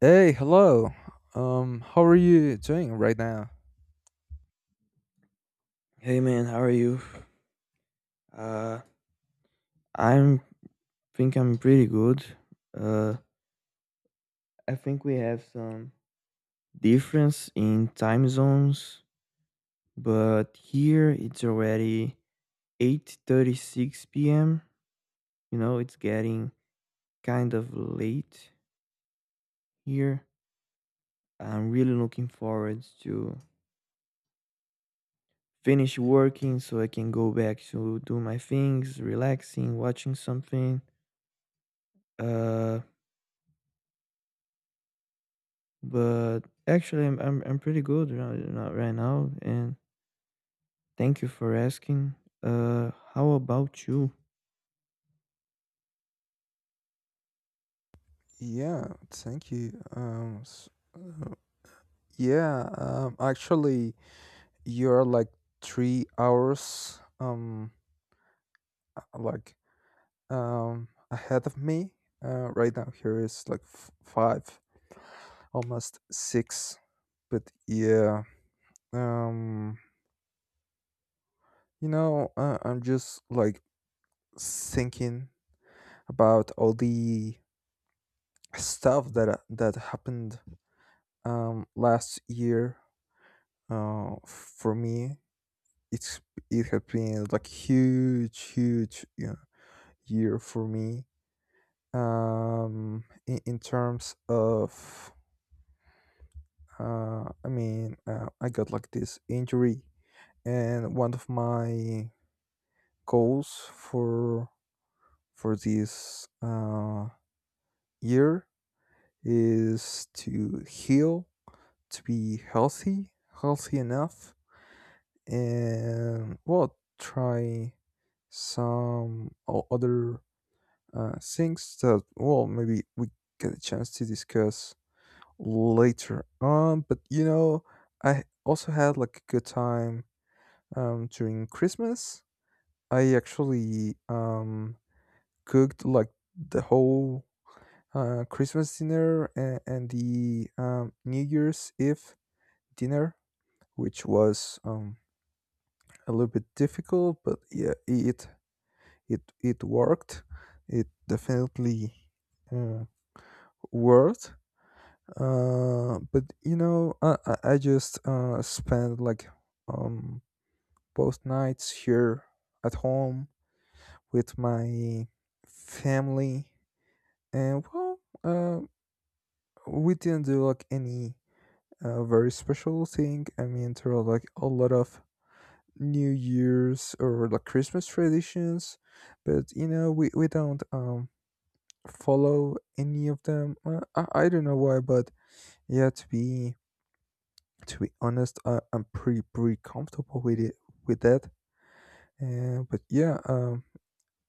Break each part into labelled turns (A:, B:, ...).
A: Hey, hello. How are you doing right now?
B: Hey man, how are you? Uh, I'm think I'm pretty good. Uh, I think we have some difference in time zones, but here it's already 8:36 p.m. You know, it's getting kind of late here. I'm really looking forward to finish working so I can go back to do my things, relaxing, watching something. Uh But actually, I'm pretty good right now, and thank you for asking. How about you?
A: Yeah, thank you. Yeah, actually, you're like 3 hours, uh, like, ahead of me. Right now here is like five, almost six. But yeah, um, you know, I'm just like thinking about all the stuff that happened last year. For me it's it has been like huge, you know, year for me in terms of I got like this injury, and one of my goals for this year is to heal, to be healthy, healthy enough, and well, try some other things that, well, maybe we get a chance to discuss later on. But you know, I also had like a good time during Christmas. I actually cooked like the whole Christmas dinner, and the New Year's Eve dinner, which was a little bit difficult, but yeah, it worked. It definitely uh, worked. But you know, I just spent like um both nights here at home with my family, and well, uh, we didn't do like any very special thing. I mean, there are like a lot of New Year's or like Christmas traditions, but you know, we don't follow any of them. I don't know why, but yeah, to be honest, I'm pretty comfortable with it, with that. But yeah,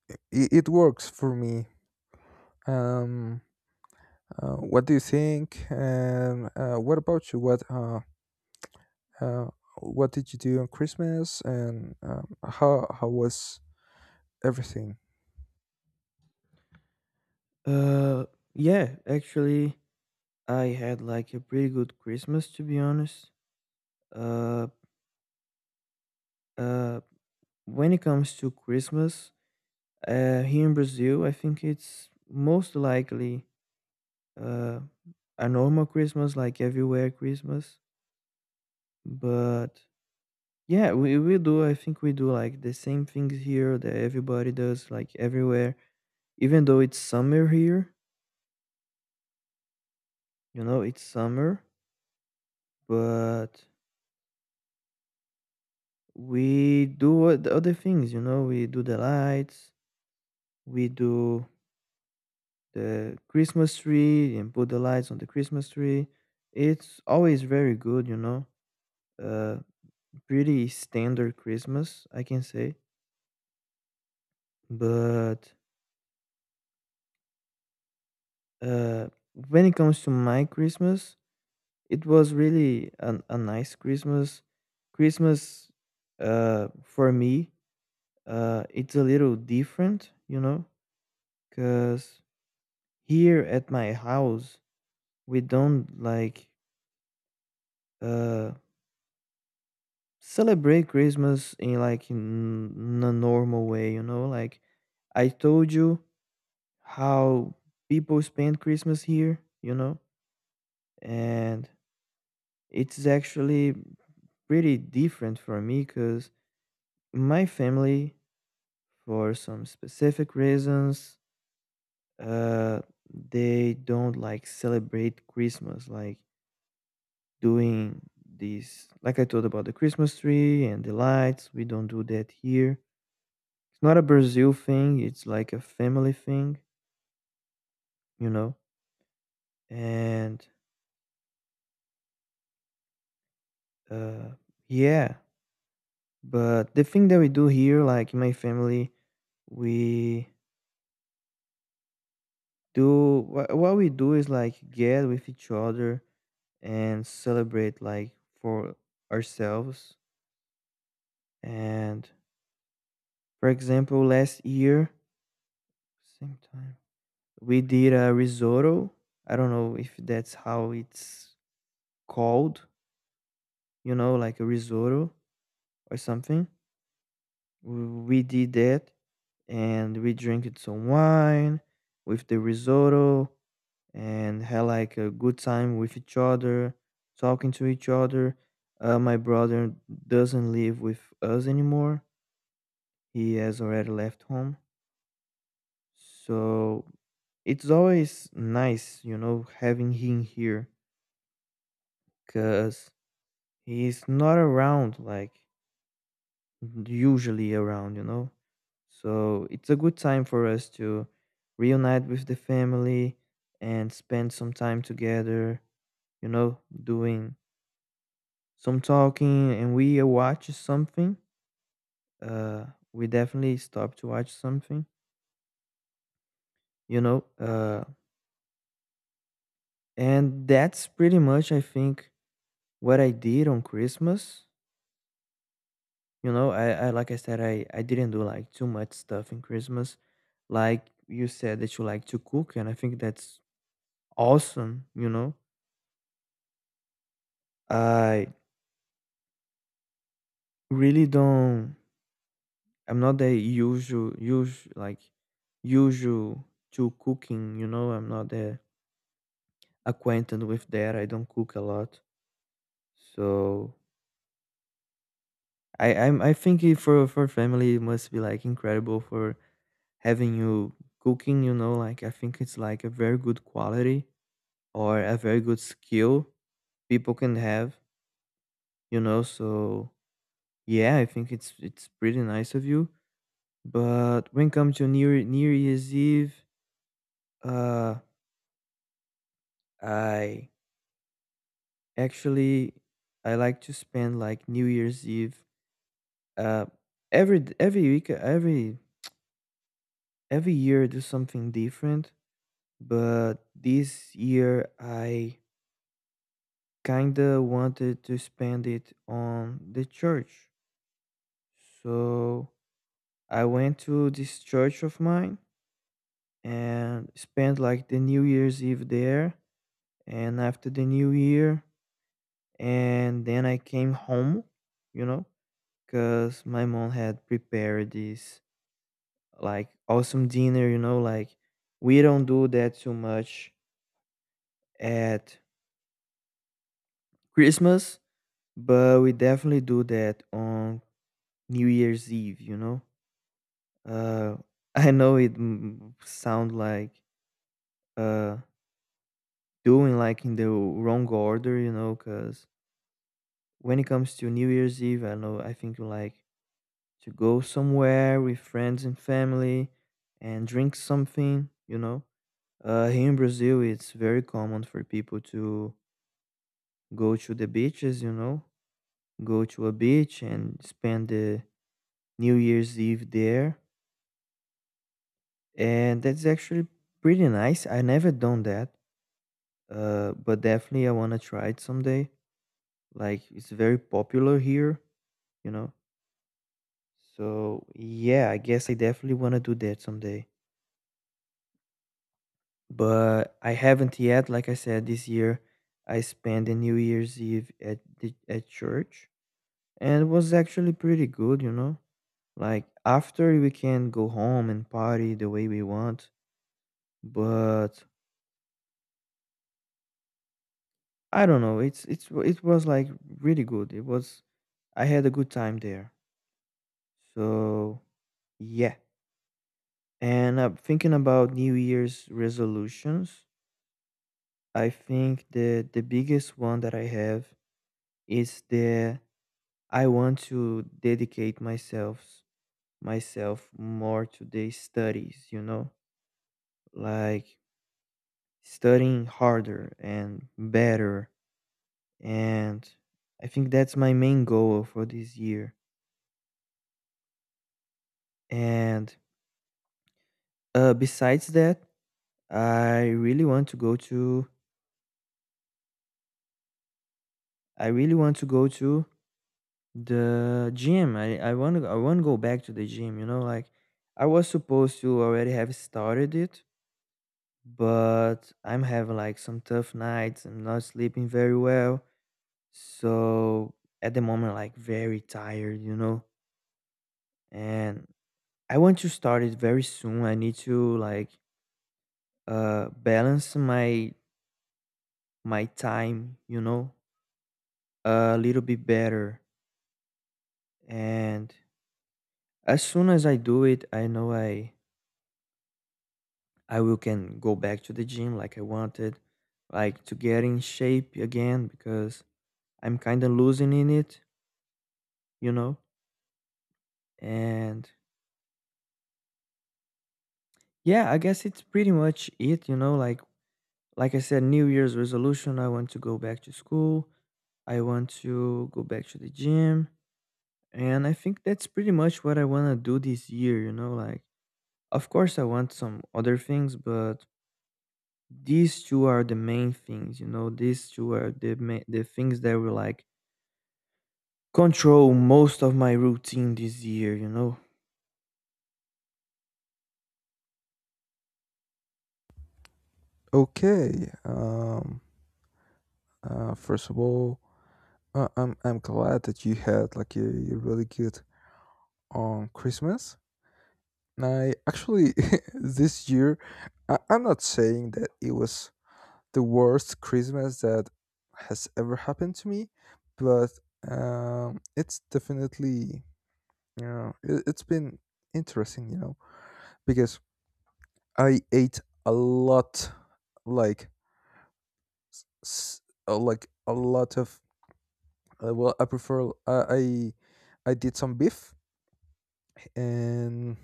A: it, it works for me. Um, what do you think? And what about you? Uh, what did you do on Christmas? And how was everything?
B: Uh, yeah, actually, I had like a pretty good Christmas to be honest. Uh, uh, when it comes to Christmas, here in Brazil, I think it's most likely uh a normal Christmas, like everywhere Christmas, but yeah, we do. I think we do like the same things here that everybody does, like everywhere. Even though it's summer here, you know, it's summer, but we do the other things, you know, we do the lights, we do the Christmas tree and put the lights on the Christmas tree. It's always very good, you know, uh, pretty standard Christmas, I can say. But uh, when it comes to my Christmas, it was really a nice Christmas. Christmas, for me, it's a little different, you know, because here at my house we don't like uh celebrate Christmas in like in a normal way, you know, like I told you how people spend Christmas here, you know, and it's actually pretty different for me because my family, for some specific reasons, uh, they don't like celebrate Christmas, like doing these, like I told about the Christmas tree and the lights. We don't do that here. It's not a Brazil thing, it's like a family thing, you know? And uh, yeah, but the thing that we do here, like in my family, we do what we do is like get with each other and celebrate like for ourselves. And for example, last year, same time, we did a risotto. I don't know if that's how it's called, you know, like a risotto or something. We did that and we drank some wine with the risotto and had like a good time with each other, talking to each other. My brother doesn't live with us anymore, he has already left home. So it's always nice, you know, having him here because he's not around like usually around, you know. So it's a good time for us to reunite with the family and spend some time together, you know, doing some talking and we watch something. Uh, we definitely stop to watch something, you know. And that's pretty much, I think, what I did on Christmas. You know, I like I said, I didn't do like too much stuff in Christmas. Like you said that you like to cook, and I think that's awesome, you know. I really don't, I'm not the usual to cooking, you know, I'm not the acquainted with that. I don't cook a lot. So I think it for family it must be like incredible for having you cooking, you know, like I think it's like a very good quality or a very good skill people can have, you know. So yeah, I think it's pretty nice of you. But when it comes to New Year's Eve, uh, I actually I like to spend like New Year's Eve. Uh, every every year, I do something different. But this year, I kinda wanted to spend it on the church. So I went to this church of mine and spent like the New Year's Eve there and after the New Year and then I came home, you know, because my mom had prepared this like awesome dinner, you know, like we don't do that too much at Christmas, but we definitely do that on New Year's Eve, you know? Uh, I know it sound like uh doing like in the wrong order, you know, because when it comes to New Year's Eve, I know I think you like to go somewhere with friends and family and drink something, you know. Here in Brazil, it's very common for people to go to the beaches, you know, go to a beach and spend the New Year's Eve there, and that's actually pretty nice. I never done that. But definitely I want to try it someday. Like it's very popular here, you know. So yeah, I guess I definitely want to do that someday. But I haven't yet. Like I said, this year I spent the New Year's Eve at at church, and it was actually pretty good, you know. Like after we can go home and party the way we want, but I don't know. It's it was like really good. It was I had a good time there. So yeah. And thinking about New Year's resolutions, I think the biggest one that I have is the I want to dedicate myself more to the studies, you know, like studying harder and better, and I think that's my main goal for this year. And besides that, I really want to go to I really want to go to the gym. I want to go back to the gym, you know, like I was supposed to already have started it, but I'm having like some tough nights. I'm not sleeping very well. So at the moment like very tired, you know. And I want to start it very soon. I need to like balance my time, you know, a little bit better. And as soon as I do it, I know I will can go back to the gym like I wanted, like to get in shape again because I'm kind of losing in it, you know. And yeah, I guess it's pretty much it, you know. Like I said, New Year's resolution. I want to go back to school. I want to go back to the gym, and I think that's pretty much what I want to do this year. You know, like of course I want some other things, but these two are the main things. You know, these two are the the things that were like control most of my routine this year, you know.
A: Okay. First of all, I'm glad that you had like a really good on Christmas. I actually this year I'm not saying that it was the worst Christmas that has ever happened to me, but it's definitely, you know, it, it's been interesting, you know, because I ate a lot, like s- like a lot of well, I prefer I did some beef and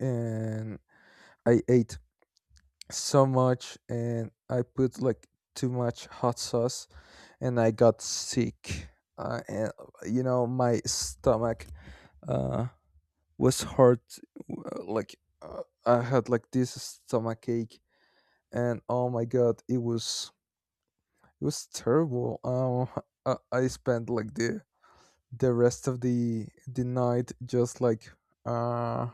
A: and I ate so much, and I put like too much hot sauce, and I got sick. And you know, my stomach uh, was hurt. Like I had like this stomach ache, and oh my god, it was terrible. I spent like the rest of the night just like uh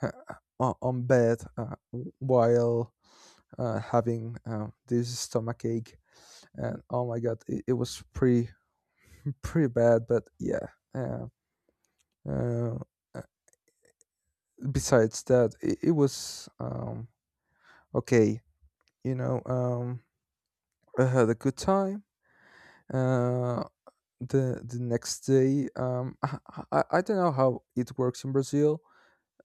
A: on bed while having this stomach ache, and oh my god, it was pretty pretty bad. But yeah, uh, uh, uh, besides that, it was okay. You know, I had a good time. Uh, the next day, I don't know how it works in Brazil,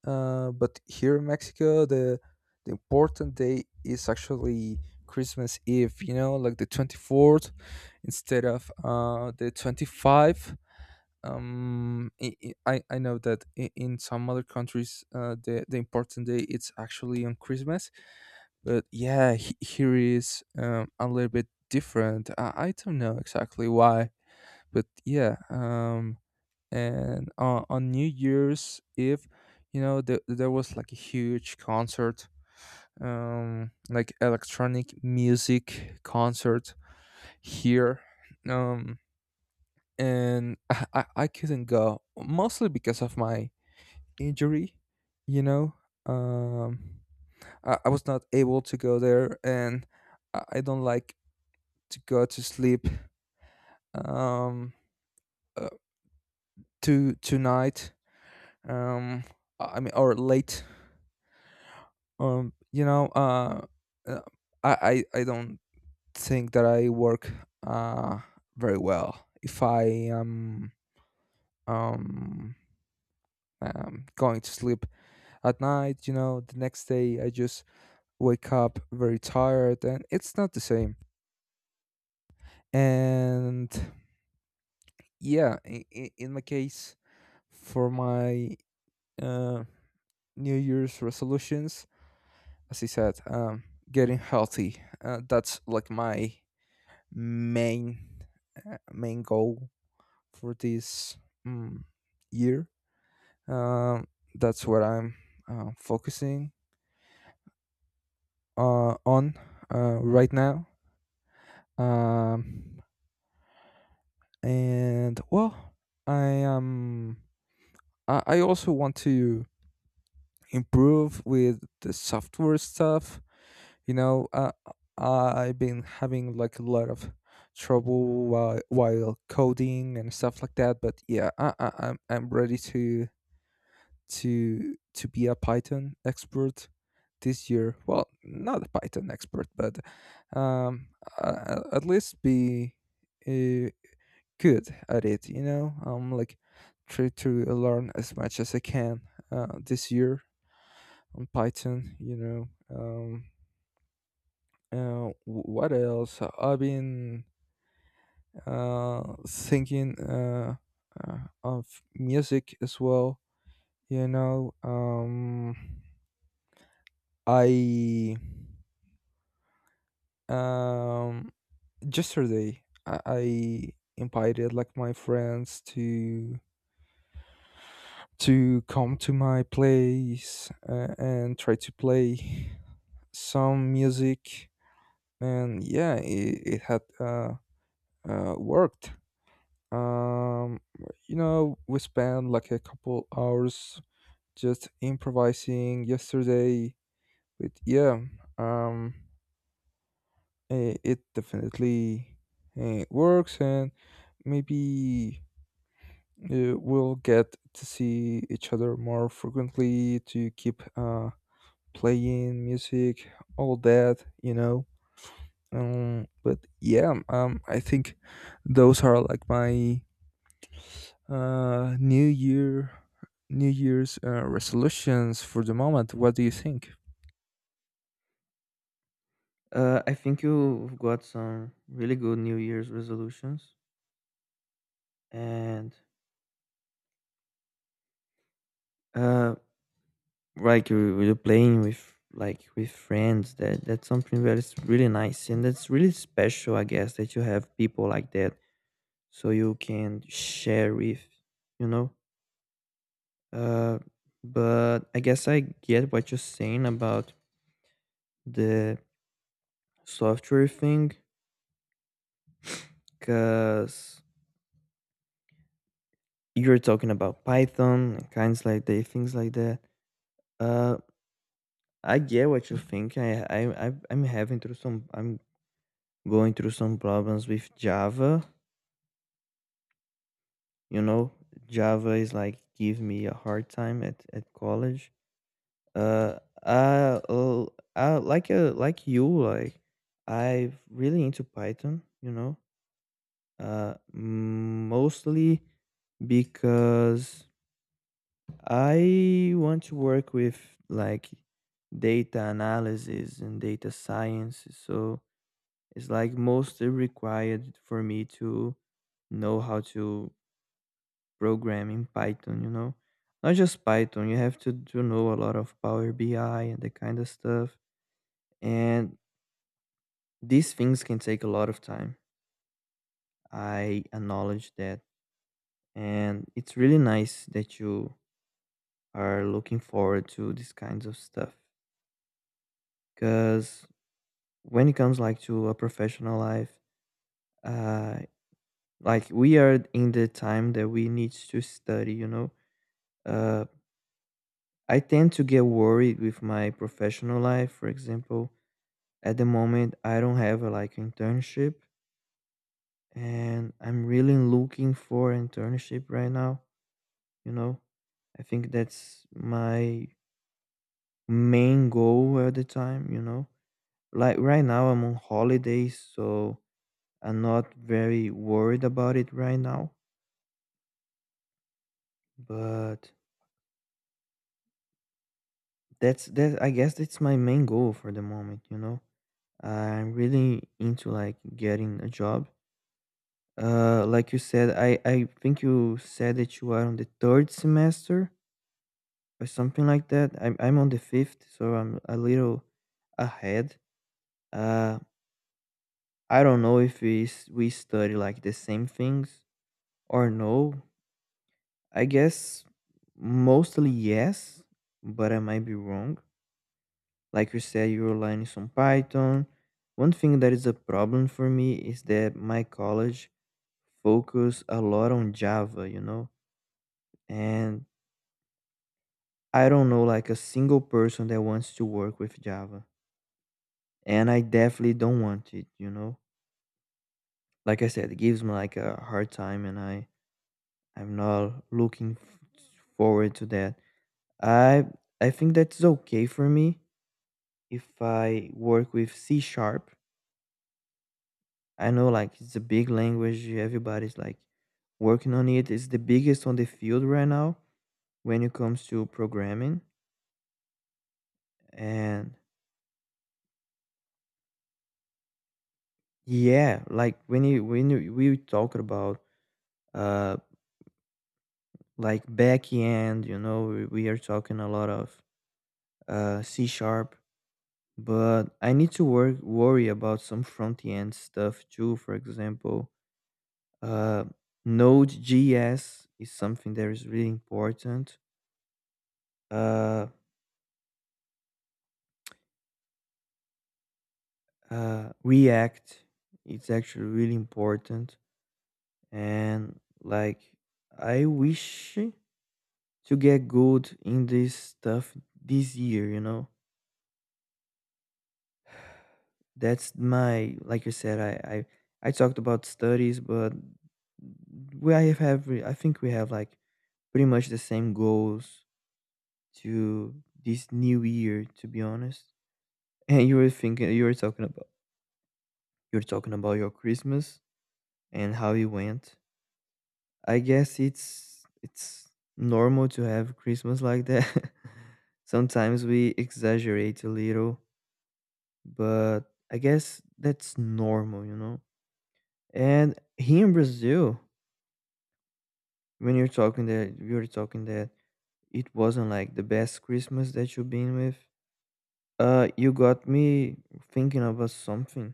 A: but here in Mexico, the important day is actually Christmas Eve. You know, like the 24th instead of the 25th. I know that in some other countries the important day it's actually on Christmas, but yeah here is a little bit different. I don't know exactly why, but yeah. And on New Year's Eve, you know, there was like a huge concert, like electronic music concert here. um and I couldn't go mostly because of my injury, you know. um I was not able to go there. And I don't like to go to sleep um uh, to tonight, um I mean, or late. um you know, uh I don't think that I work uh very well if I am um um going to sleep at night. You know, the next day I just wake up very tired, and it's not the same. And yeah, in my case, for my uh, New Year's resolutions, as I said, getting healthy, that's like my main goal for this um, year. um, that's what I'm focusing on right now. um, and well, i am I also want to improve with the software stuff. You know, I've been having like a lot of trouble while coding and stuff like that. But yeah, I'm ready to be a Python expert this year. Well, not a Python expert, but um, at least be uh, good at it. You know, I'm like try to learn as much as I can this year on Python, you know. What else? I've been thinking uh, of music as well, you know. I um, Yesterday I invited like my friends to come to my place and try to play some music, and yeah, it had worked. Um, you know, we spent like a couple hours just improvising yesterday, but yeah, um, it definitely works, and maybe we'll get to see each other more frequently to keep playing music, all that, you know. But yeah, I think those are like my uh, New Year, New Year's resolutions for the moment. What do you think?
B: I think you've got some really good New Year's resolutions, and uh, like you're playing with like with friends. That that's something that is really nice, and that's really special, I guess, that you have people like that, so you can share with, you know. Uh, but I guess I get what you're saying about the software thing, cause you're talking about Python, and kinds like they things like that. Uh, I get what you think. I I'm having through some. I'm going through some problems with Java. You know, Java is like give me a hard time at college. Uh, I, uh, I like you like I'm really into Python. You know, mostly because I want to work with like data analysis and data science. So it's like mostly required for me to know how to program in Python, you know. Not just Python, you have to know a lot of Power BI and that kind of stuff. And these things can take a lot of time. I acknowledge that. And it's really nice that you are looking forward to these kinds of stuff because when it comes like to a professional life uh like we are in the time that we need to study, you know, uh I tend to get worried with my professional life. For example, at the moment I don't have a like internship, and I'm really looking for internship right now, you know. I think that's my main goal at the time, you know, like right now I'm on holidays, so I'm not very worried about it right now. But that's that I guess that's my main goal for the moment, you know. I'm really into like getting a job. Uh, like you said, I think you said that you are on the third semester or something like that. I'm on the fifth, so I'm a little ahead. Uh I don't know if we study like the same things or no. I guess mostly yes, but I might be wrong. Like you said, you're learning some Python. One thing that is a problem for me is that my college focus a lot on Java, you know? And I don't know like a single person that wants to work with Java. And I definitely don't want it, you know? Like I said, it gives me like a hard time, and I'm not looking forward to that. I I think that's okay for me if I work with C sharp. I know like it's a big language, everybody's like working on it. It's the biggest on the field right now when it comes to programming. And yeah, like we talk about uh like back end, you know, we are talking a lot of C sharp, but I need to work worry about some front end stuff too. For example, uh Node.js is something that is really important. Uh react, it's actually really important. And like I wish to get good in this stuff this year, you know. That's my, like you said, I talked about studies, but we have, I think we have like pretty much the same goals to this new year, to be honest. And you were talking about, your Christmas and how it went. I guess it's normal to have Christmas like that. Sometimes we exaggerate a little, but I guess that's normal, you know. And here in Brazil, when you're talking that it wasn't like the best Christmas that you've been with, you got me thinking about something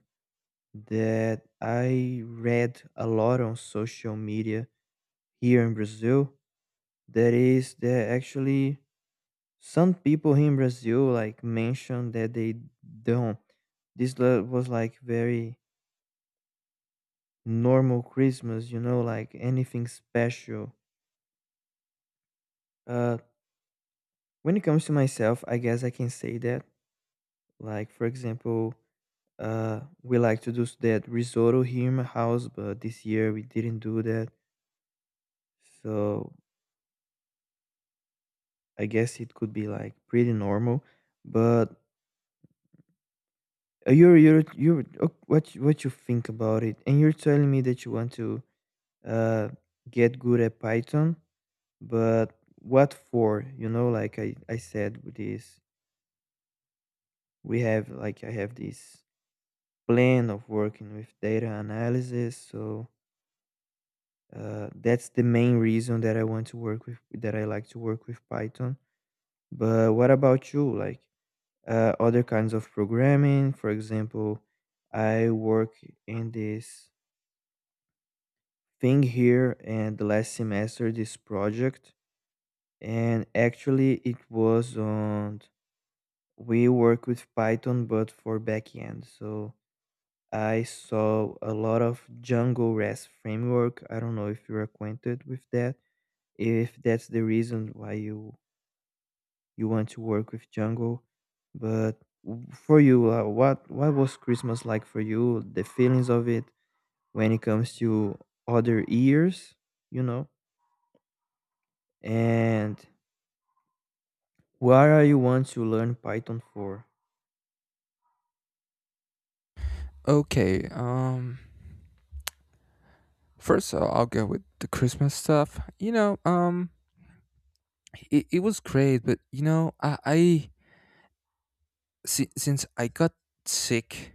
B: that I read a lot on social media here in Brazil. That is that actually some people here in Brazil like mention that they don't. Was like very normal Christmas, you know, like anything special. Uh, when it comes to myself, I guess I can say that. Like for example, uh, we like to do that risotto here in my house, but this year we didn't do that. So I guess it could be like pretty normal. But you're you what you think about it, and you're telling me that you want to uh, get good at Python, but what for? You know, like I said, with this, we have like I have this plan of working with data analysis. So that's the main reason that I want to work with, that I like to work with Python. But what about you? Like other kinds of programming. For example, I work in this thing here and the last semester, this project, and actually it was on, we work with python but for backend. So I saw a lot of django rest framework. I don't know if you're acquainted with that, if that's the reason why you want to work with django. But for you, what was christmas like for you, the feelings of it, when it comes to other years, you know. And why are you want to learn python for?
A: Okay. First, I'll go with the Christmas stuff. You know, it was great, but you know, since I got sick,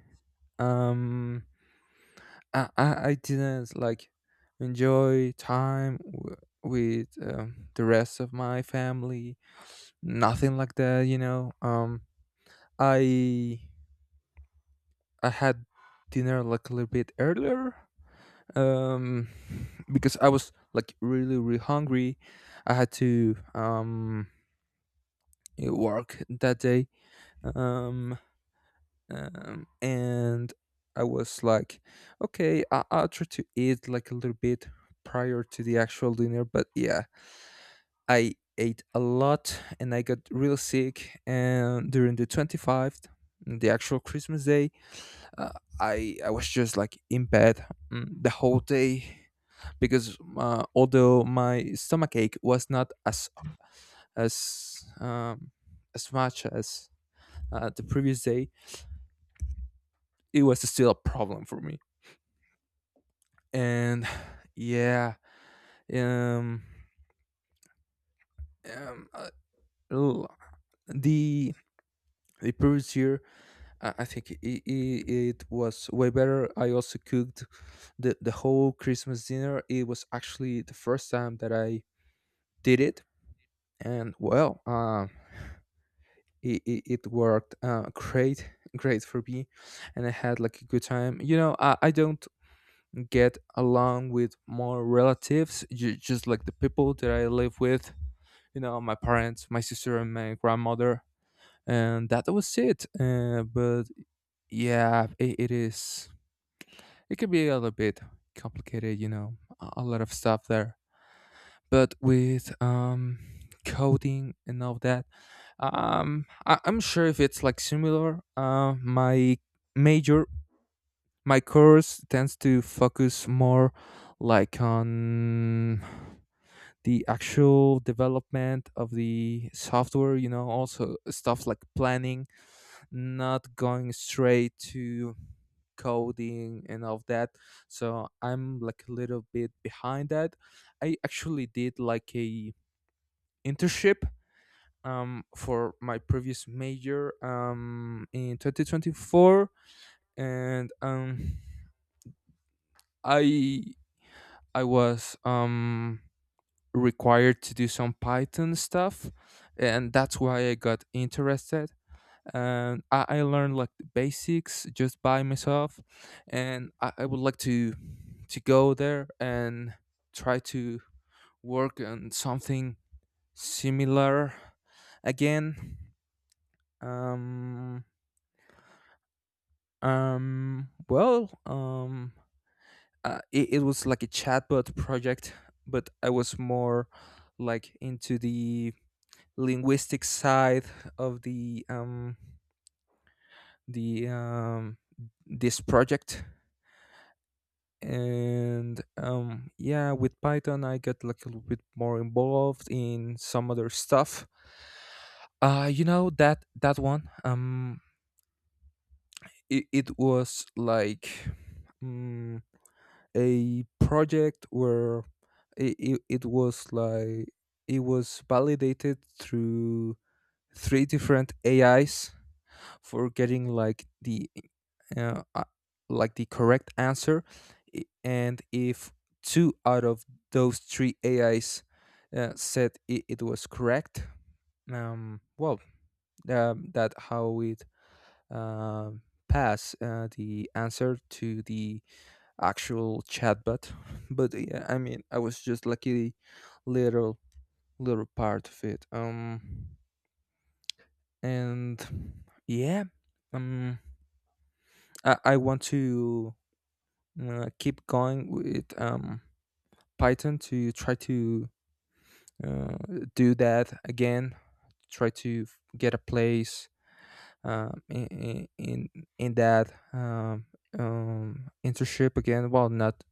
A: um, I didn't like enjoy time with the rest of my family. Nothing like that. You know, I I had dinner like a little bit earlier, um, because I was like really really hungry. I had to work that day, um, and I was like, okay, I- I'll try to eat like a little bit prior to the actual dinner. But yeah, I ate a lot and I got real sick. And during the 25th, the actual Christmas day, uh, I was just like in bed, the whole day, because although my stomach ache was not as as um, as much as the previous day, it was still a problem for me. And yeah, um, um uh, l- the the previous year, I think it was way better. I also cooked the whole Christmas dinner. It was actually the first time that I did it, and well, it worked great, great for me, and I had like a good time. You know, I don't get along with more relatives, just like the people that I live with. You know, my parents, my sister, and my grandmother, and that was it. But yeah, it is. It can be a little bit complicated, you know, a lot of stuff there. But with coding and all that, I- I'm sure if it's like similar. Major, my course tends to focus more like on the actual development of the software, you know, also stuff like planning, not going straight to coding and all that. So I'm like a little bit behind that. I actually did like a internship for my previous major in 2024, and I I was required to do some Python stuff, and that's why I got interested. And I learned like the basics just by myself, and I would like to go there and try to work on something similar again. Um, well, it was like a chatbot project, but I was more like into the linguistic side of the the um this project. And yeah, with Python I got like a little bit more involved in some other stuff, you know. That one, it was like mm, a project where it was like, it was validated through three different ais for getting uh, uh, like the correct answer. And if two out of those three ais said it, it was correct. um well that how it um pass the answer to the actual chatbot. But yeah, I mean, I was just lucky little part of it. And yeah, um, I want to keep going with Python to try to uh, do that again. Try to get a place um in in in in that internship again. Well, not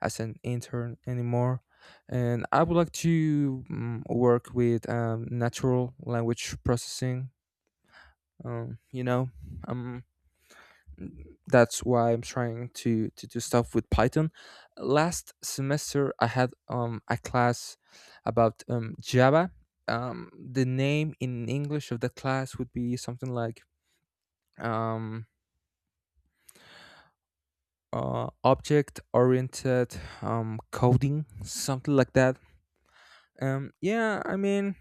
A: as an intern anymore. And I would like to work with natural language processing, you know. um, that's why I'm trying to do stuff with Python. Last semester I had a class about Java. The name in English of the class would be something like um, object oriented coding, something like that. Yeah, I mean,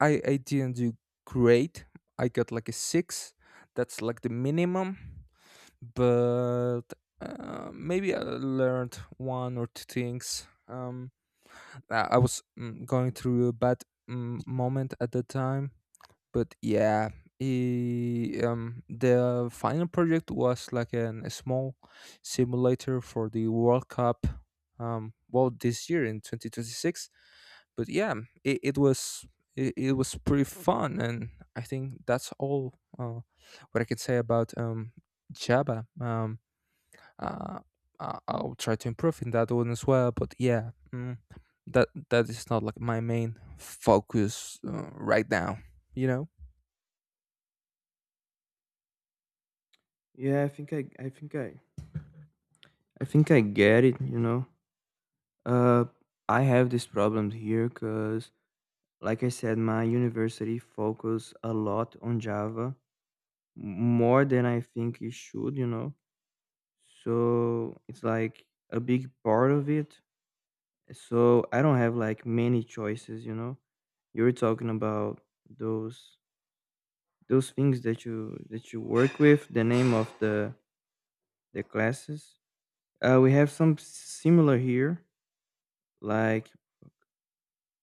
A: I didn't do great. I got like a 6, that's like the minimum, but maybe I learned one or two things. I was going through a bad moment at the time, but yeah, the final project was like a small simulator for the World Cup. Well, this year in 2026. But yeah, it, it was it was pretty fun, and I think that's all what I can say about Java. Uh, I'll try to improve in that one as well. But yeah, mm, that that is not like my main focus right now. You know.
B: Yeah, I think I get it. You know, uh, I have this problem here because, like I said, my university focus a lot on Java, more than I think it should. You know, so it's like a big part of it. So I don't have like many choices. You know, you were talking about those those things that you work with. The name of the classes. We have some similar here. Like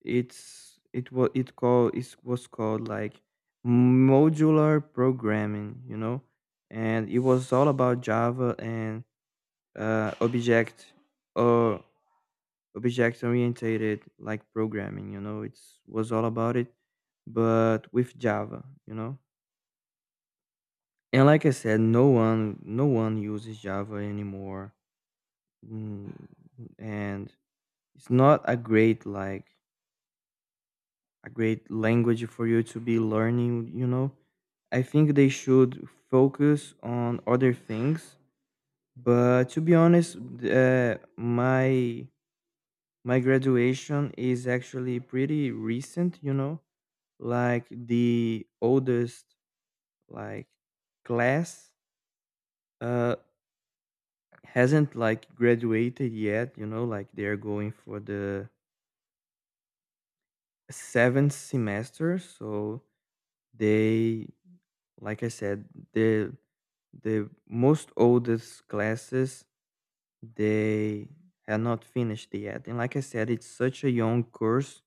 B: it was called like modular programming, you know, and it was all about Java and uh, or object orientated like programming, you know. It's was all about it, but with Java, you know. And like I said, no one uses Java anymore. Mm, and it's not a great like a great language for you to be learning, you know. I think they should focus on other things. But to be honest, my graduation is actually pretty recent, you know, like the oldest like class uh hasn't like graduated yet, you know, like they're going for the seventh semester, so they. Like I said, the most oldest classes they had not finished yet. And like I said, it's such a young course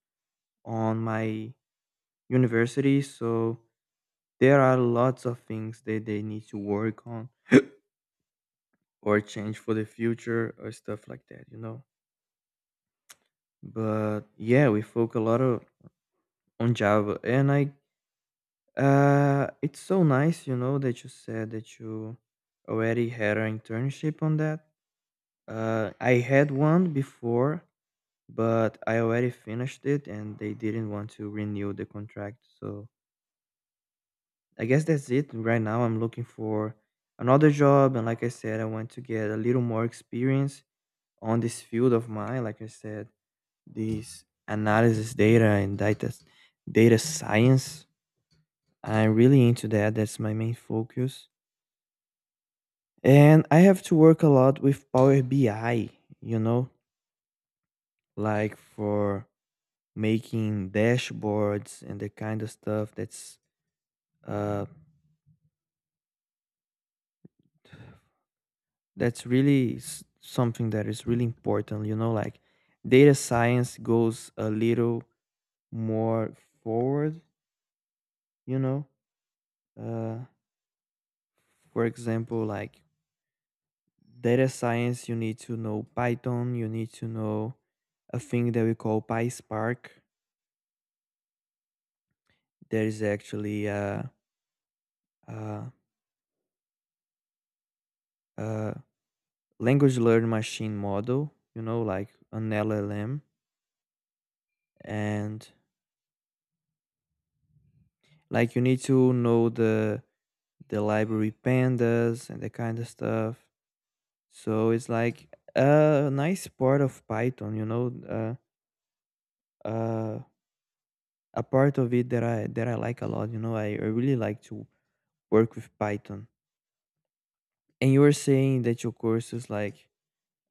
B: on my university, so there are lots of things that they need to work on or change for the future or stuff like that, you know. But yeah, we focus a lot of, on Java, and I it's so nice, you know, that you said that you already had an internship on that. I had one before, but I already finished it and they didn't want to renew the contract. So I guess that's it. Right now, I'm looking for another job. And like I said, I want to get a little more experience on this field of mine. Like I said, this analysis data and data science. I'm really into that. That's my main focus. And I have to work a lot with Power BI, you know, like for making dashboards and the kind of stuff that's uh, something that is really important. You know, like data science goes a little more forward. You know, uh, for example, like data science, you need to know Python. You need to know a thing that we call PySpark. There is actually a, a language learn machine model. You know, like an LLM. And like you need to know the library pandas and that kind of stuff. So it's like a nice part of python, you know. Uh, a part of it that I like a lot, you know. I really like to work with python. And you were saying that your course is like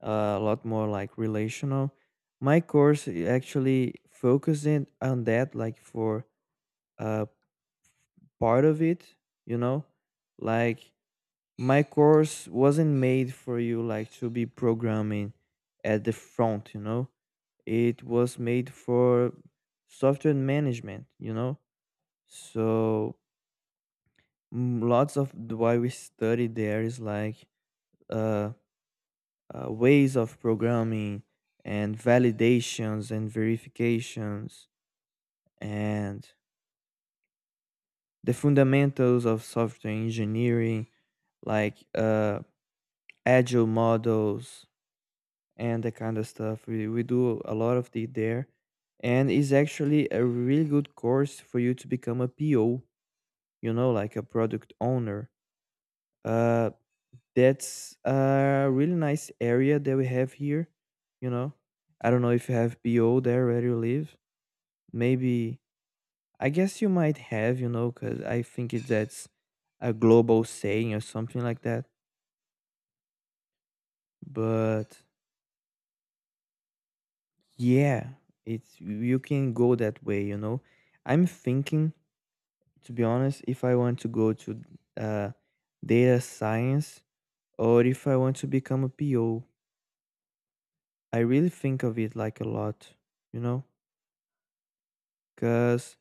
B: a lot more like relational. My course actually focusing on that like for uh part of it, you know. Like my course wasn't made for you like to be programming at the front, you know. It was made for software management, you know. So mm, lots of why we study there is like uh, ways of programming and validations and verifications and the fundamentals of software engineering, like agile models and that kind of stuff. We do a lot of it there. And it's actually a really good course for you to become a PO, you know, like a product owner. Uh, that's a really nice area that we have here, you know. I don't know if you have PO there where you live. Maybe, I guess you might have, you know, because that's a global saying or something like that. But yeah, it's you can go that way, you know. I'm thinking, to be honest, if I want to go to uh, data science or if I want to become a PO. I really think of it like a lot, you know, because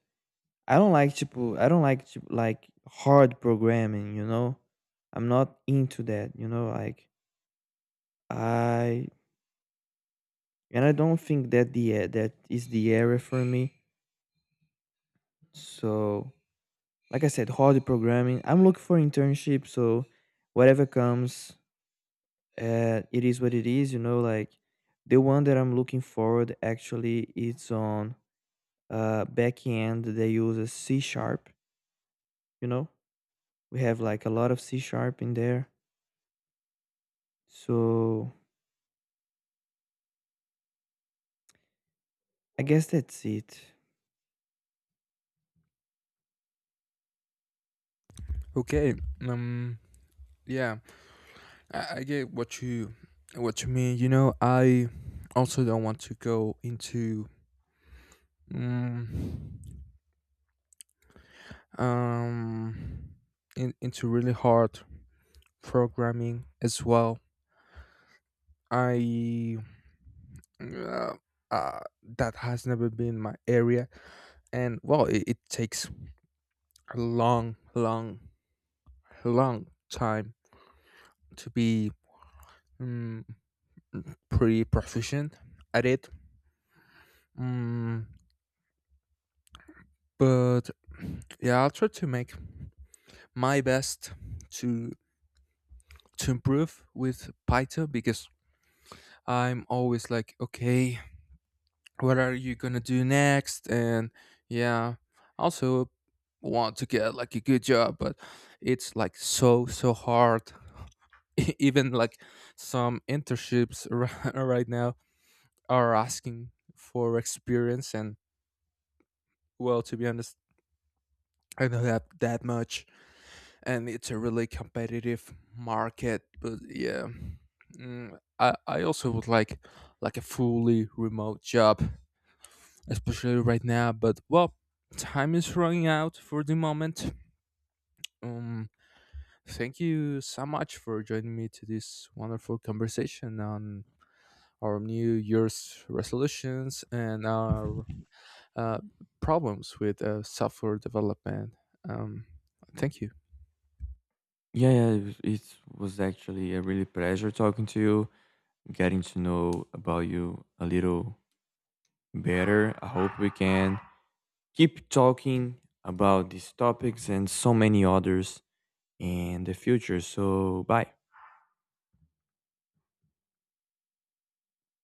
B: I don't like to, like hard programming, you know. I'm not into that, you know. Like I and I don't think that that is the area for me. So, like I said, hard programming. I'm looking for internship, so whatever comes, it is what it is, you know. Like the one that I'm looking forward actually, it's on backend. They use a C sharp, you know. We have like a lot of C sharp in there, so I guess that's it.
A: Okay. Um. Yeah, I get what you mean. You know, I also don't want to go into um, um into really hard programming as well. I uh, uh, that has never been my area, and well, it takes a long, long, long time to be um, pretty proficient at it. Mm, but yeah, I'll try to make my best to improve with Python, because I'm always like, okay, what are you gonna do next? And yeah, also want to get like a good job, but it's like so hard. Even like some internships right now are asking for experience, and well, to be honest, I don't have that much, and it's a really competitive market. But yeah, I also would like a fully remote job, especially right now. But well, time is running out for the moment. um Thank you so much for joining me to this wonderful conversation on our New Year's resolutions and our uh, problems with software development. Um, Thank you.
B: Yeah, yeah, it was actually a really pleasure talking to you, getting to know about you a little better. I hope we can keep talking about these topics and so many others in the future. So, bye.